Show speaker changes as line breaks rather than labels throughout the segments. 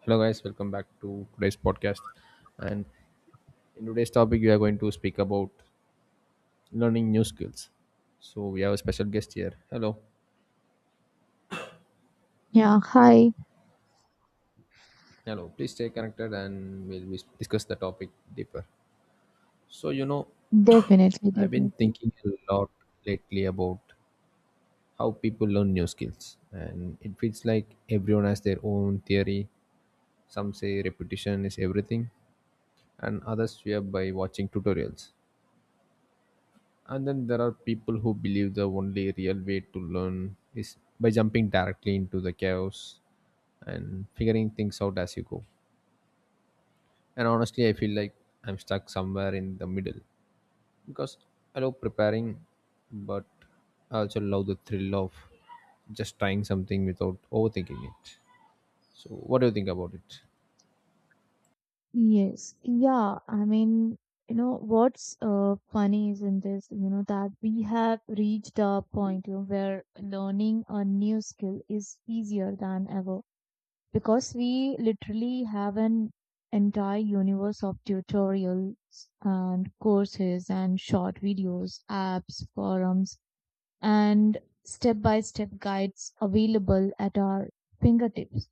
Hello, guys. Welcome back to today's podcast. And in today's topic, we are going to speak about learning new skills. So we have a special guest here. Hello,
Yeah, hi.
hello. Please stay connected, and we'll discuss the topic deeper. So you know,
Definitely,
I've been
definitely.
thinking a lot lately about how people learn new skills, and it feels like everyone has their own theory. Some say repetition is everything, and others swear by watching tutorials. And then there are people who believe the only real way to learn is by jumping directly into the chaos and figuring things out as you go. And honestly, I feel like I'm stuck somewhere in the middle because I love preparing, but I also love the thrill of just trying something without overthinking it. So, what do you think about it?
Yes. Yeah, what's funny is in this, that we have reached a point, where learning a new skill is easier than ever, because we literally have an entire universe of tutorials and courses and short videos, apps, forums, and step-by-step guides available at our fingertips.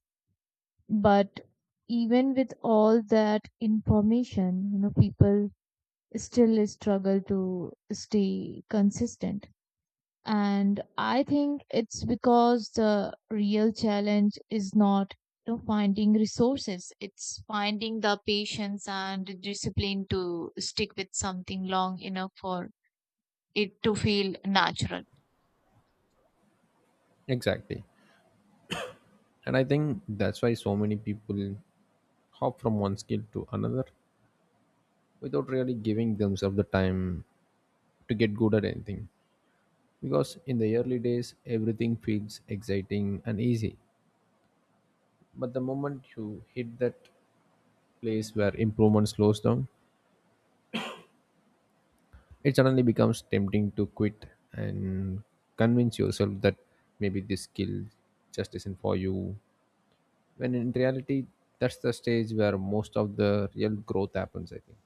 But even with all that information, people still struggle to stay consistent. And I think it's because the real challenge is not, finding resources, it's finding the patience and discipline to stick with something long enough for it to feel natural.
Exactly. And I think that's why so many people hop from one skill to another without really giving themselves the time to get good at anything, because in the early days everything feels exciting and easy, but the moment you hit that place where improvement slows down, it suddenly becomes tempting to quit and convince yourself that maybe this skill just isn't for you, when in reality that's the stage where most of the real growth happens, I think.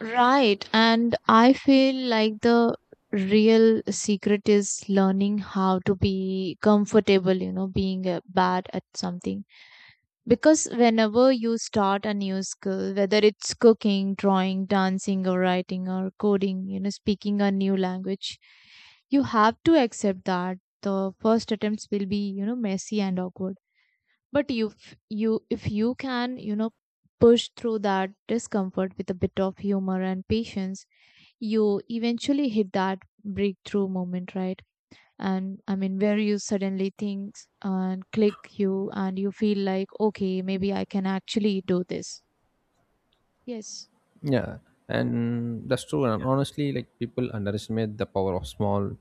Right. And I feel like the real secret is learning how to be comfortable, being bad at something. Because whenever you start a new skill, whether it's cooking, drawing, dancing, or writing, or coding, speaking a new language, you have to accept that the first attempts will be, messy and awkward. But if you can, push through that discomfort with a bit of humor and patience, you eventually hit that breakthrough moment, right? And I mean, where you suddenly think and click you, and you feel like, okay, maybe I can actually do this. Yes.
Yeah, and that's true. And honestly, like, people underestimate the power of small,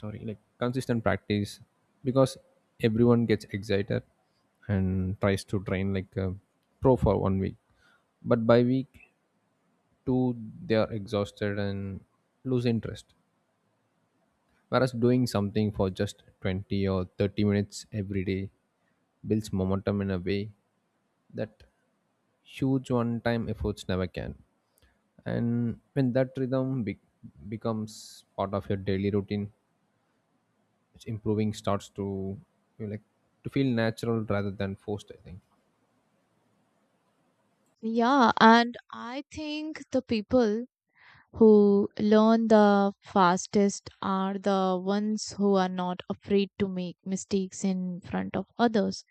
sorry, like, consistent practice, because everyone gets excited and tries to train like a pro for 1 week, but by week two they are exhausted and lose interest, whereas doing something for just 20 or 30 minutes every day builds momentum in a way that huge one time efforts never can. And when that rhythm becomes part of your daily routine, it's improving starts to, you know, like, to feel natural rather than forced, I think.
Yeah. And I think the people who learn the fastest are the ones who are not afraid to make mistakes in front of others,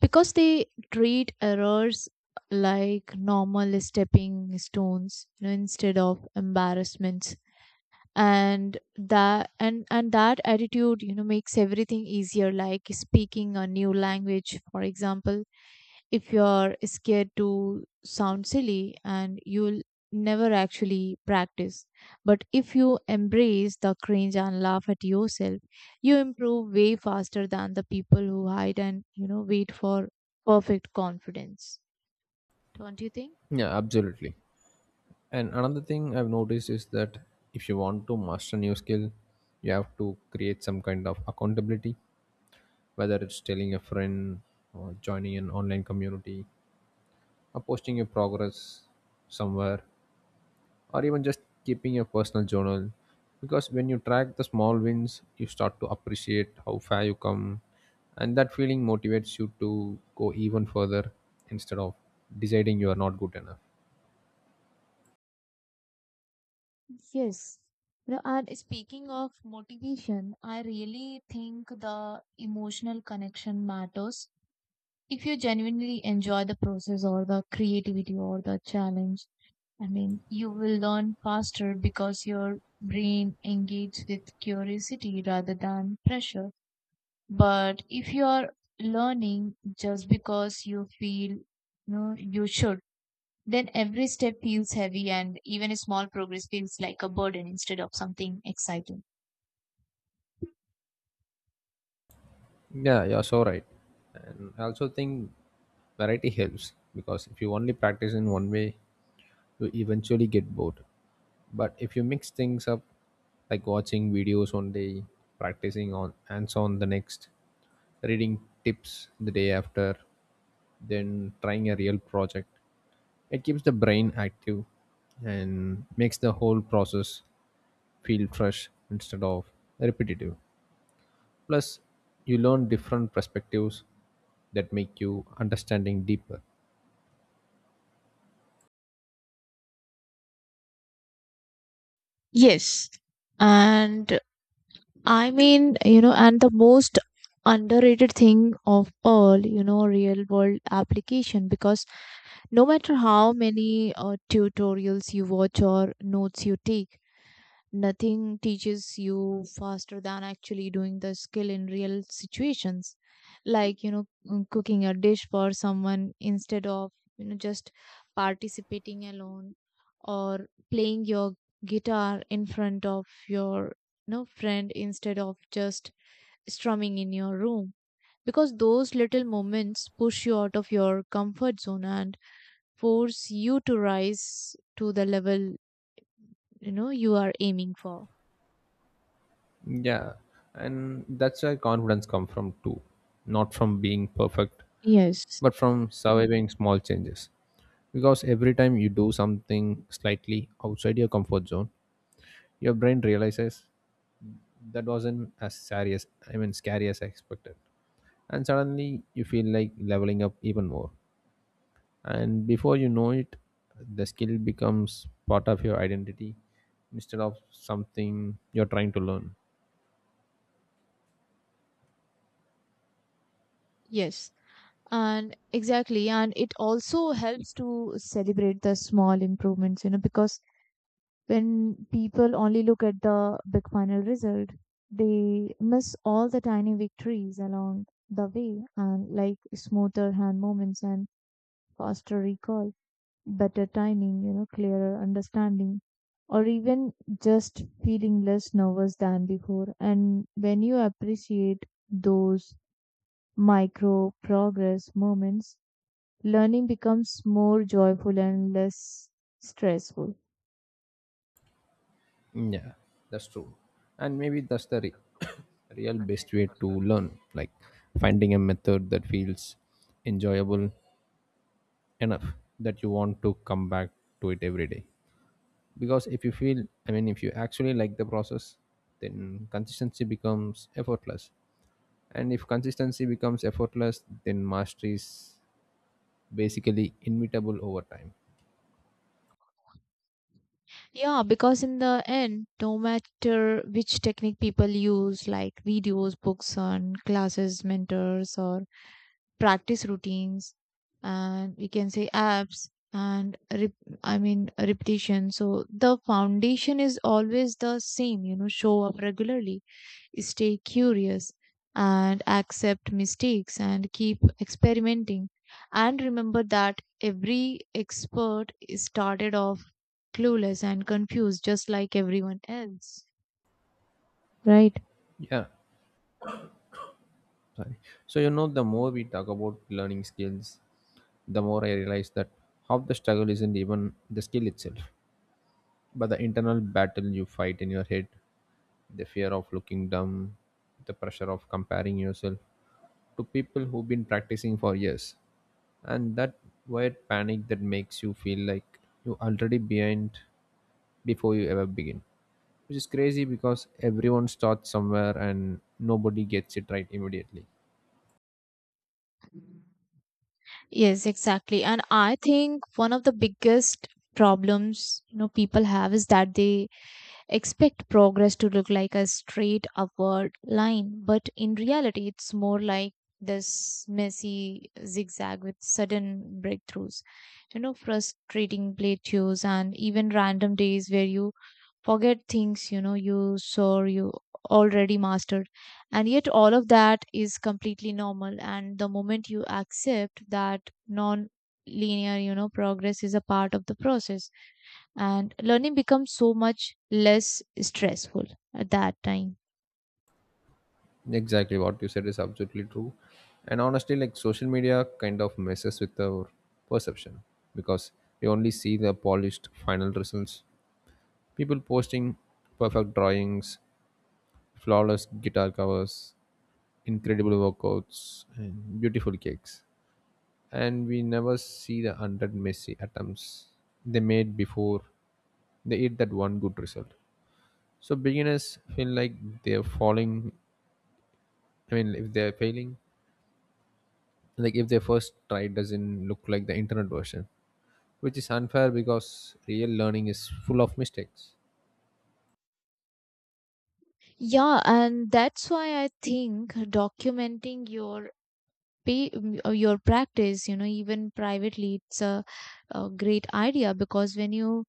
because they treat errors like normal stepping stones, instead of embarrassments. And that attitude, makes everything easier, like speaking a new language, for example. If you're scared to sound silly, and you'll never actually practice. But if you embrace the cringe and laugh at yourself, you improve way faster than the people who hide and, wait for perfect confidence. Don't you think?
Yeah, absolutely. And another thing I've noticed is that if you want to master new skill, you have to create some kind of accountability, whether it's telling a friend or joining an online community or posting your progress somewhere, or even just keeping a personal journal, because when you track the small wins you start to appreciate how far you come, and that feeling motivates you to go even further instead of deciding you are not good enough.
Yes. No, and speaking of motivation, I really think the emotional connection matters. If you genuinely enjoy the process or the creativity or the challenge, I mean, you will learn faster because your brain engages with curiosity rather than pressure. But if you are learning just because you feel you should, then every step feels heavy, and even a small progress feels like a burden instead of something exciting.
Yeah, you're so right. And I also think variety helps, because if you only practice in one way you eventually get bored, but if you mix things up, like watching videos one day, practicing on hands on the next, reading tips the day after, than trying a real project. It keeps the brain active and makes the whole process feel fresh instead of repetitive. Plus, you learn different perspectives that make you understanding deeper.
Yes. And I mean, and the most underrated thing of all, real world application, because no matter how many tutorials you watch or notes you take, nothing teaches you faster than actually doing the skill in real situations. Like, cooking a dish for someone instead of, just participating alone, or playing your guitar in front of your, friend, instead of just strumming in your room. Because those little moments push you out of your comfort zone and force you to rise to the level you know you are aiming for.
Yeah, and that's where confidence comes from too, not from being perfect,
Yes.
but from surviving small changes. Because every time you do something slightly outside your comfort zone, your brain realizes that wasn't as scary as, I mean, scary as I expected. And suddenly you feel like leveling up even more. And before you know it, the skill becomes part of your identity instead of something you're trying to learn.
Yes, and exactly, and it also helps to celebrate the small improvements, because when people only look at the big final result, they miss all the tiny victories along the way, and like smoother hand movements and faster recall, better timing, clearer understanding, or even just feeling less nervous than before. And when you appreciate those micro progress moments, learning becomes more joyful and less stressful.
Yeah, that's true. And maybe that's the re- real best way to learn, like finding a method that feels enjoyable enough that you want to come back to it every day. Because if you feel, I mean, if you actually like the process, then consistency becomes effortless, and if consistency becomes effortless then mastery is basically inevitable over time.
Yeah, because in the end, no matter which technique people use, like videos, books, and classes, mentors, or practice routines, and we can say apps and repetition, so the foundation is always the same. Show up regularly, stay curious, and accept mistakes and keep experimenting, and remember that every expert is started off clueless and confused just like everyone else, right?
Yeah, sorry. So, you know, the more we talk about learning skills, the more I realize that half the struggle isn't even the skill itself, but the internal battle you fight in your head, the fear of looking dumb, the pressure of comparing yourself to people who've been practicing for years, and that weird panic that makes you feel like you're already behind before you ever begin, which is crazy because everyone starts somewhere and nobody gets it right immediately.
Yes, exactly. And I think one of the biggest problems, people have is that they expect progress to look like a straight upward line, but in reality it's more like this messy zigzag with sudden breakthroughs. Frustrating plateaus and even random days where you forget things you know you saw you already mastered. And yet all of that is completely normal, and the moment you accept that non linear progress is a part of the process, and learning becomes so much less stressful at that time.
Exactly what you said is absolutely true. And honestly, like, social media kind of messes with our perception, because we only see the polished final results, people posting perfect drawings, flawless guitar covers, incredible workouts and beautiful cakes, and we never see the hundred messy attempts they made before they hit that one good result. So beginners feel like they're falling. I mean, if they're failing, like if their first try doesn't look like the internet version, which is unfair because real learning is full of mistakes.
Yeah, and that's why I think documenting your pay your practice, even privately, it's a great idea, because when you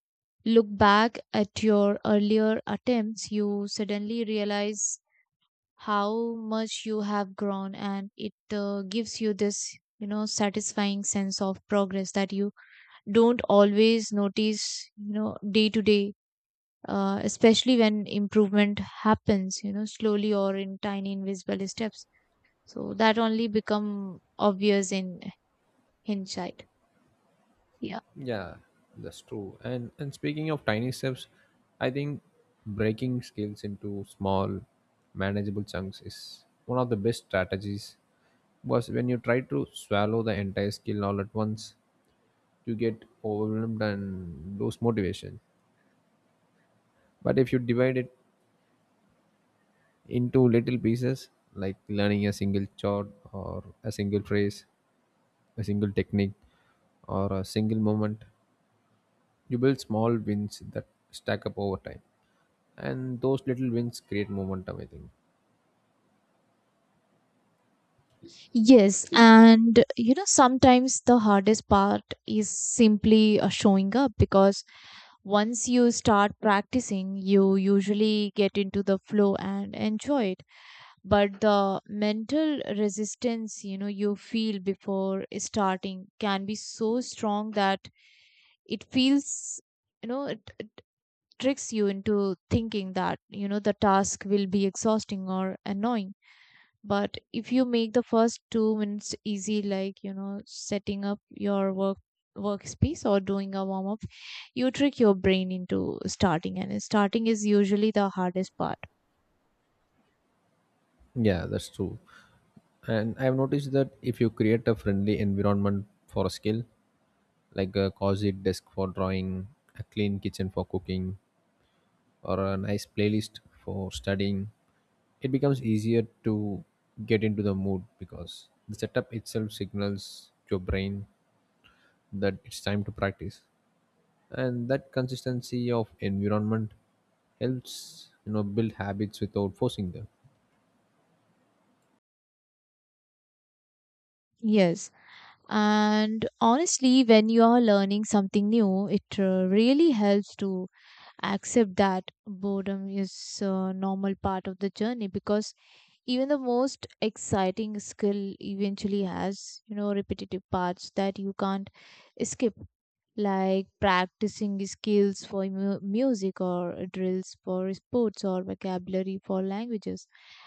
look back at your earlier attempts you suddenly realize how much you have grown, and it gives you this, satisfying sense of progress that you don't always notice, day to day, especially when improvement happens, slowly or in tiny invisible steps, so that only become obvious in hindsight. Yeah.
Yeah, that's true. And speaking of tiny steps, I think breaking skills into small, manageable chunks is one of the best strategies. Because when you try to swallow the entire skill all at once, you get overwhelmed and lose motivation. But if you divide it into little pieces, like learning a single chord or a single phrase, a single technique, or a single moment, you build small wins that stack up over time. And those little wins create momentum, I think.
Yes, and you know sometimes the hardest part is simply showing up, because once you start practicing you usually get into the flow and enjoy it. But the mental resistance, you feel before starting, can be so strong that it feels, you know it, it tricks you into thinking that, the task will be exhausting or annoying. But if you make the first 2 minutes easy, like, setting up your workspace or doing a warm up, you trick your brain into starting, and starting is usually the hardest part.
Yeah, that's true. And I've noticed that if you create a friendly environment for a skill, like a cozy desk for drawing, a clean kitchen for cooking, or a nice playlist for studying, it becomes easier to get into the mood, because the setup itself signals your brain that it's time to practice, and that consistency of environment helps, you know, build habits without forcing them.
Yes. And honestly, when you are learning something new, it really helps to accept that boredom is a normal part of the journey, because even the most exciting skill eventually has, repetitive parts that you can't skip, like practicing skills for music, or drills for sports, or vocabulary for languages.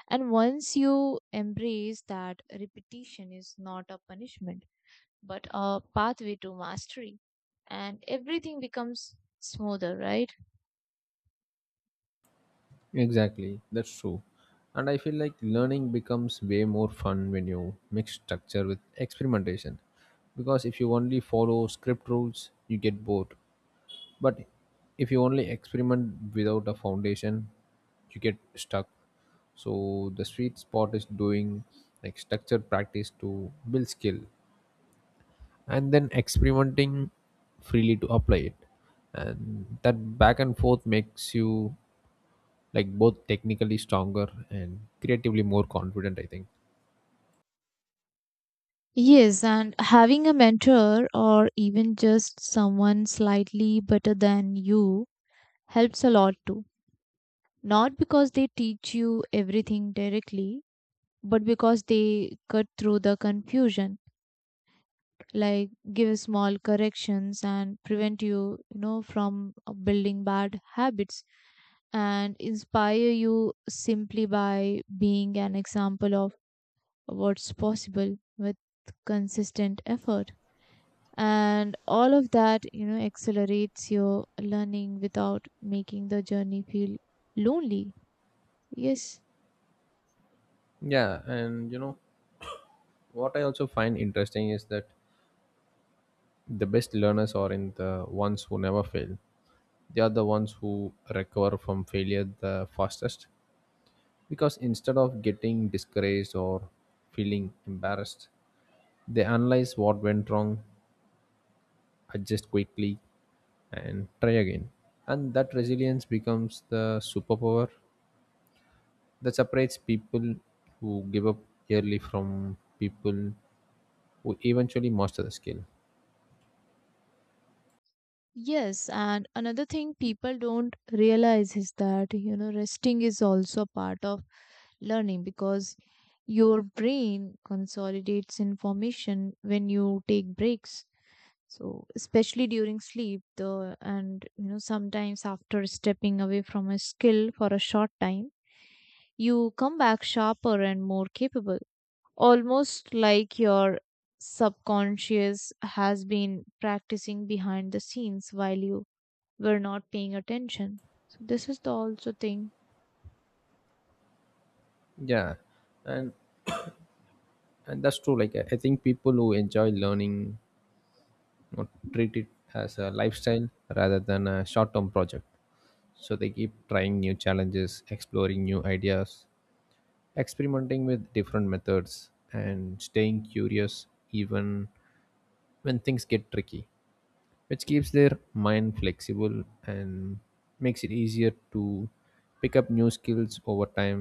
And once you embrace that repetition is not a punishment but a pathway to mastery, and everything becomes smoother, right?
Exactly, that's true. And I feel like learning becomes way more fun when you mix structure with experimentation. Because if you only follow script rules, you get bored. But if you only experiment without a foundation, you get stuck. So the sweet spot is doing like structure practice to build skill and then experimenting freely to apply it. And that back and forth makes you like both technically stronger and creatively more confident, I think.
Yes, and having a mentor or even just someone slightly better than you helps a lot too. Not because they teach you everything directly, but because they cut through the confusion, like give small corrections and prevent you, you know from building bad habits, and inspire you simply by being an example of what's possible with consistent effort. And all of that, accelerates your learning without making the journey feel lonely. Yes.
Yeah, and you know what I also find interesting is that the best learners are in the ones who never fail. They are the ones who recover from failure the fastest, because instead of getting discouraged or feeling embarrassed, they analyze what went wrong, adjust quickly and try again. And that resilience becomes the superpower that separates people who give up early from people who eventually master the skill.
Yes, and another thing people don't realize is that, resting is also part of learning, because your brain consolidates information when you take breaks. So, especially during sleep, the, and sometimes after stepping away from a skill for a short time, you come back sharper and more capable. Almost like your subconscious has been practicing behind the scenes while you we're not paying attention. So this is the also thing.
Yeah, and and that's true. Like, I think people who enjoy learning, you know, treat it as a lifestyle rather than a short-term project. So they keep trying new challenges, exploring new ideas, experimenting with different methods, and staying curious even when things get tricky, which keeps their mind flexible and makes it easier to pick up new skills over time,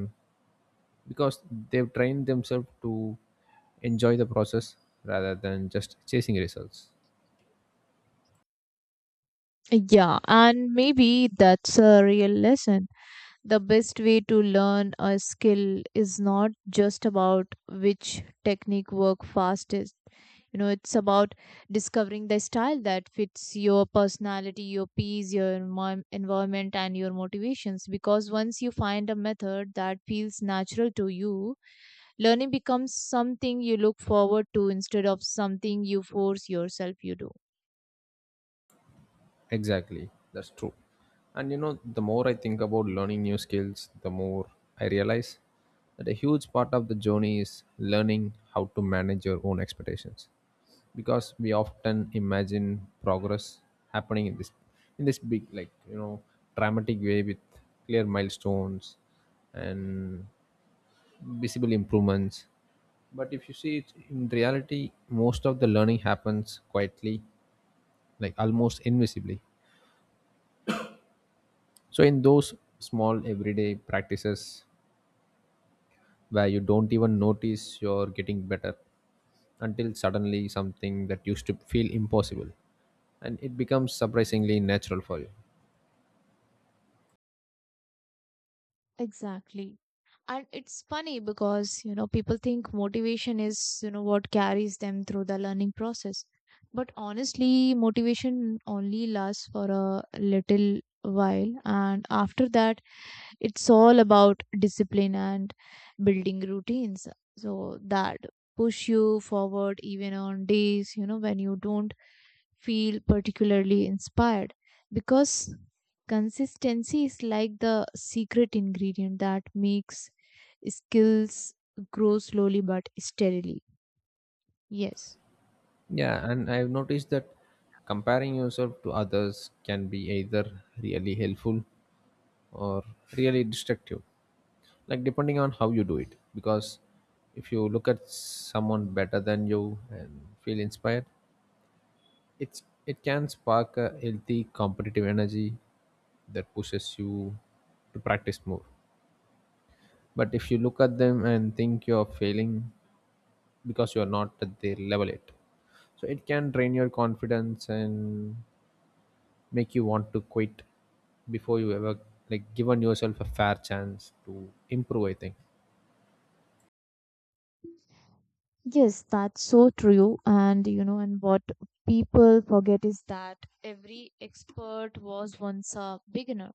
because they've trained themselves to enjoy the process rather than just chasing results.
Yeah, and maybe that's a real lesson. The best way to learn a skill is not just about which technique work fastest. It's about discovering the style that fits your personality, your pace, your environment, and your motivations. Because once you find a method that feels natural to you, learning becomes something you look forward to instead of something you force yourself you do.
Exactly, that's true. And you know, the more I think about learning new skills, the more I realize that a huge part of the journey is learning how to manage your own expectations, because we often imagine progress happening in this, in this big, like, you know, dramatic way with clear milestones and visible improvements, but if you see it in reality, most of the learning happens quietly, like almost invisibly, so in those small everyday practices where you don't even notice you're getting better, until suddenly something that used to feel impossible and it becomes surprisingly natural for you.
Exactly. And it's funny because, people think motivation is, what carries them through the learning process. But honestly, motivation only lasts for a little while. And after that, it's all about discipline and building routines so that push you forward even on days, when you don't feel particularly inspired, because consistency is like the secret ingredient that makes skills grow slowly but steadily. Yes.
Yeah, and I've noticed that comparing yourself to others can be either really helpful or really destructive, like depending on how you do it. Because if you look at someone better than you and feel inspired, it can spark a healthy competitive energy that pushes you to practice more. But if you look at them and think you're failing because you're not at their level yet, so it can drain your confidence and make you want to quit before you ever like given yourself a fair chance to improve, I think.
Yes, that's so true. And what people forget is that every expert was once a beginner,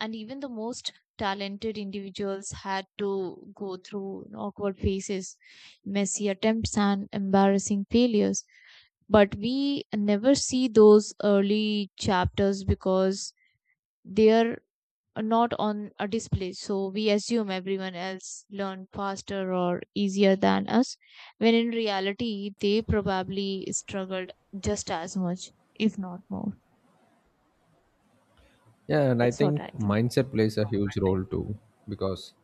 and even the most talented individuals had to go through awkward phases, messy attempts, and embarrassing failures. But we never see those early chapters because they're not on a display. So we assume everyone else learned faster or easier than us, when in reality, they probably struggled just as much, if not more.
Yeah, and I
That's what
think
I think.
mindset plays a huge role too, because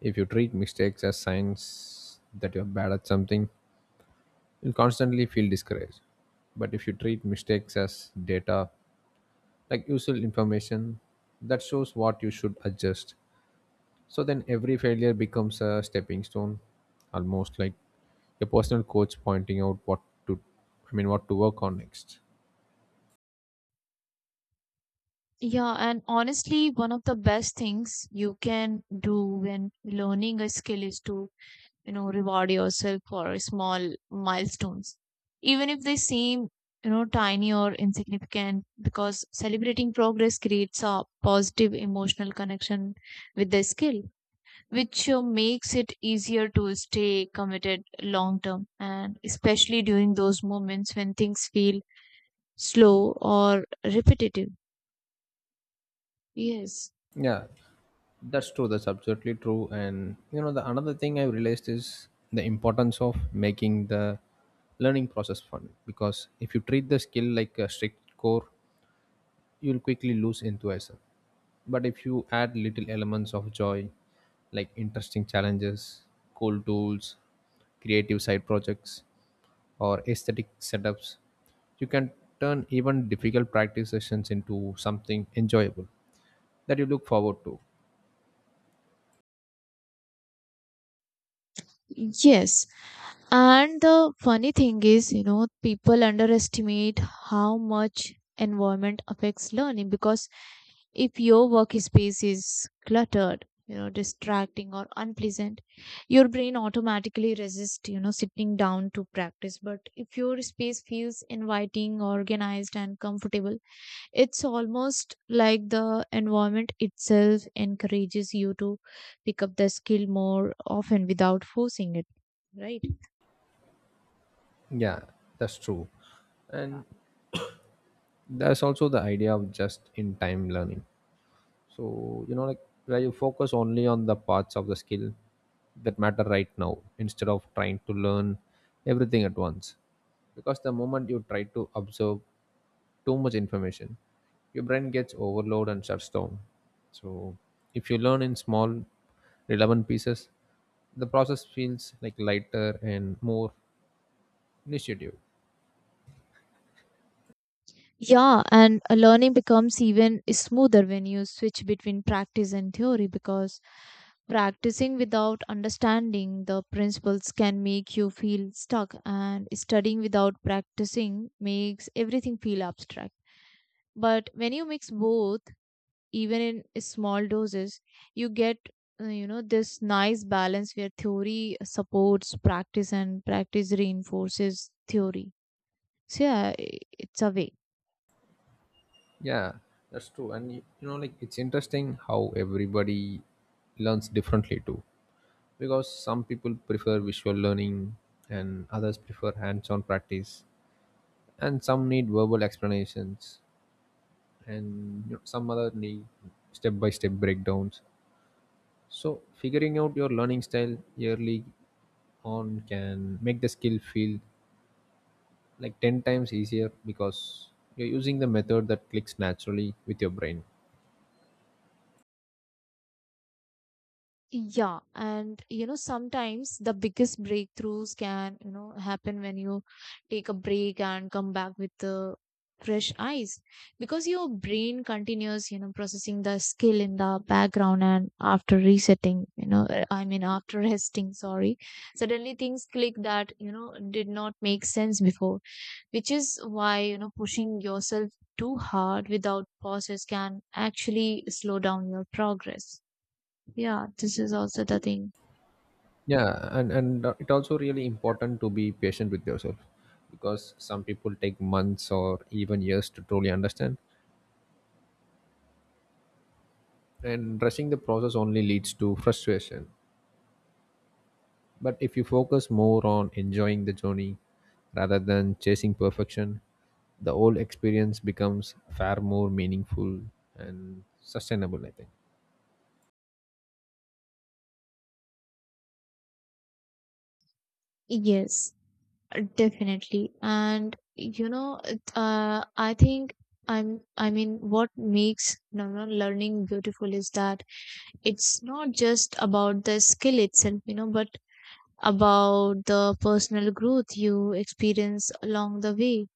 if you treat mistakes as signs that you're bad at something you'll constantly feel discouraged, but if you treat mistakes as data, like useful information that shows what you should adjust, so then every failure becomes a stepping stone, almost like a personal coach pointing out what to, I mean, what to work on next.
Yeah, and honestly, one of the best things you can do when learning a skill is to, reward yourself for small milestones, even if they seem, tiny or insignificant, because celebrating progress creates a positive emotional connection with the skill, which makes it easier to stay committed long term, and especially during those moments when things feel slow or repetitive. Yes.
Yeah, that's true, that's absolutely true. And you know, the another thing I've realized is the importance of making the learning process fun, because if you treat the skill like a strict core you'll quickly lose enthusiasm, but if you add little elements of joy, like interesting challenges, cool tools, creative side projects or aesthetic setups, you can turn even difficult practice sessions into something enjoyable that you look forward to.
Yes, and the funny thing is, people underestimate how much environment affects learning, because if your workspace is cluttered, distracting or unpleasant, your brain automatically resists, sitting down to practice. But if your space feels inviting, organized, and comfortable, it's almost like the environment itself encourages you to pick up the skill more often without forcing it, right?
Yeah, that's true. And there's also the idea of just in time learning. So, you know, like where you focus only on the parts of the skill that matter right now instead of trying to learn everything at once. Because the moment you try to observe too much information, your brain gets overloaded and shuts down. So if you learn in small relevant pieces, the process feels like lighter and more initiative.
Yeah, and learning becomes even smoother when you switch between practice and theory, because practicing without understanding the principles can make you feel stuck, and studying without practicing makes everything feel abstract. But when you mix both, even in small doses, you get this nice balance where theory supports practice and practice reinforces theory. So yeah, it's a way.
Yeah, that's true. And you know, like, it's interesting how everybody learns differently too, because some people prefer visual learning and others prefer hands-on practice, and some need verbal explanations, and, you know, some other need step-by-step breakdowns. So figuring out your learning style early on can make the skill feel like 10 times easier, because you're using the method that clicks naturally with your brain.
Yeah, and you know sometimes the biggest breakthroughs can, happen when you take a break and come back with the fresh eyes, because your brain continues, processing the skill in the background, and after resetting, you know, I mean, after resting, sorry, suddenly things click that, did not make sense before, which is why, pushing yourself too hard without pauses can actually slow down your progress. Yeah, this is also the thing.
Yeah, and it also really important to be patient with yourself, because some people take months or even years to truly understand, and rushing the process only leads to frustration. But if you focus more on enjoying the journey rather than chasing perfection, the whole experience becomes far more meaningful and sustainable, I think.
Yes, definitely. And you know, I think I'm, I mean, what makes, learning beautiful is that it's not just about the skill itself, but about the personal growth you experience along the way,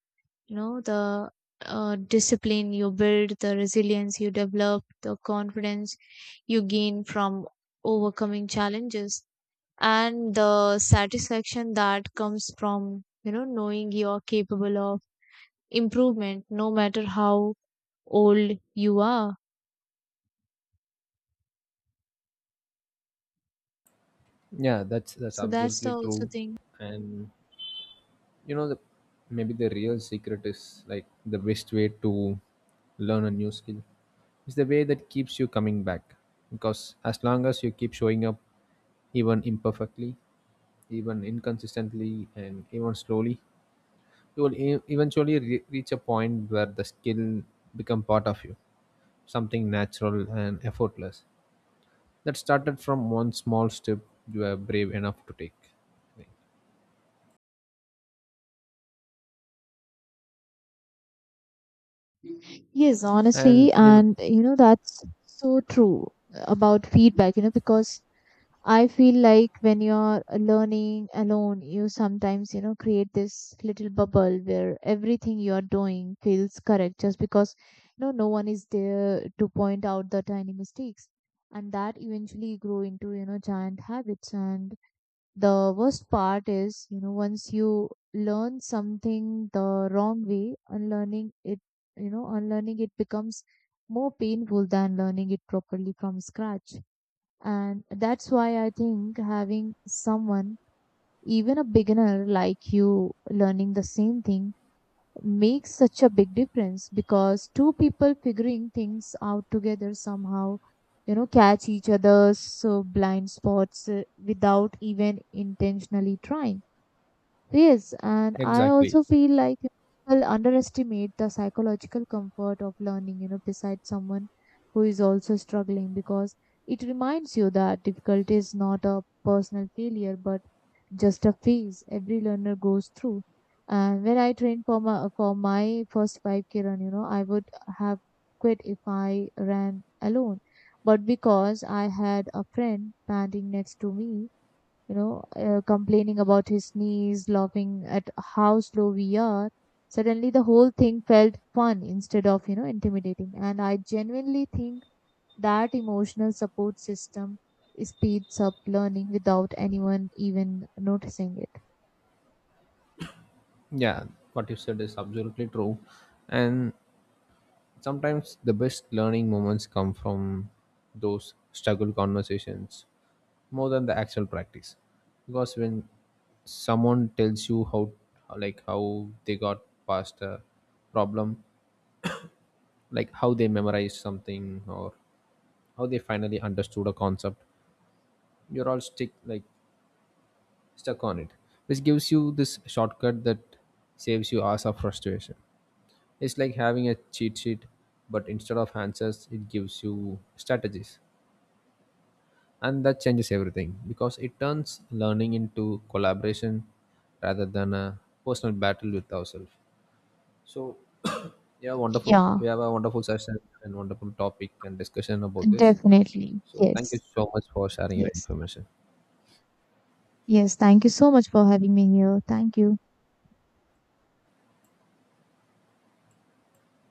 the discipline you build, the resilience you develop, the confidence you gain from overcoming challenges, and the satisfaction that comes from, knowing you are capable of improvement no matter how old you are.
Yeah, that's
So that's the
absolutely
also
true.
thing.
And you know the maybe the real secret is like the best way to learn a new skill is the way that keeps you coming back. Because as long as you keep showing up even imperfectly, even inconsistently and even slowly, you will eventually reach a point where the skill become part of you, something natural and effortless that started from one small step you were brave enough to take.
Yes,
And
honestly,
you know,
and you know that's so true about feedback, because I feel like when you're learning alone, you sometimes, create this little bubble where everything you're doing feels correct just because, no one is there to point out the tiny mistakes. And that eventually grow into, giant habits. And the worst part is, once you learn something the wrong way, unlearning it becomes more painful than learning it properly from scratch. And that's why I think having someone, even a beginner like you, learning the same thing, makes such a big difference, because two people figuring things out together somehow, catch each other's blind spots without even intentionally trying. Yes, and I
exactly,
also feel like people underestimate the psychological comfort of learning, beside someone who is also struggling, because it reminds you that difficulty is not a personal failure but just a phase every learner goes through. And when I trained for my first 5K run, I would have quit if I ran alone. But because I had a friend standing next to me, complaining about his knees, laughing at how slow we are, suddenly the whole thing felt fun instead of, intimidating. And I genuinely think that emotional support system speeds up learning without anyone even noticing it.
yeah, what you said is absolutely true. And sometimes the best learning moments come from those struggle conversations more than the actual practice. Because when someone tells you how, like, how they got past a problem, like how they memorized something or how they finally understood a concept you're all stick, like stuck on it, which gives you this shortcut that saves you hours of frustration. It's like having a cheat sheet, but instead of answers, it gives you strategies. And that changes everything because it turns learning into collaboration rather than a personal battle with ourselves. So, yeah, wonderful.
Yeah,
We have a wonderful session and wonderful topic and discussion about this.
definitely.
So, thank you
Yes,
so much for sharing your
yes,
information.
yes. Thank you so much for having me here. Thank you.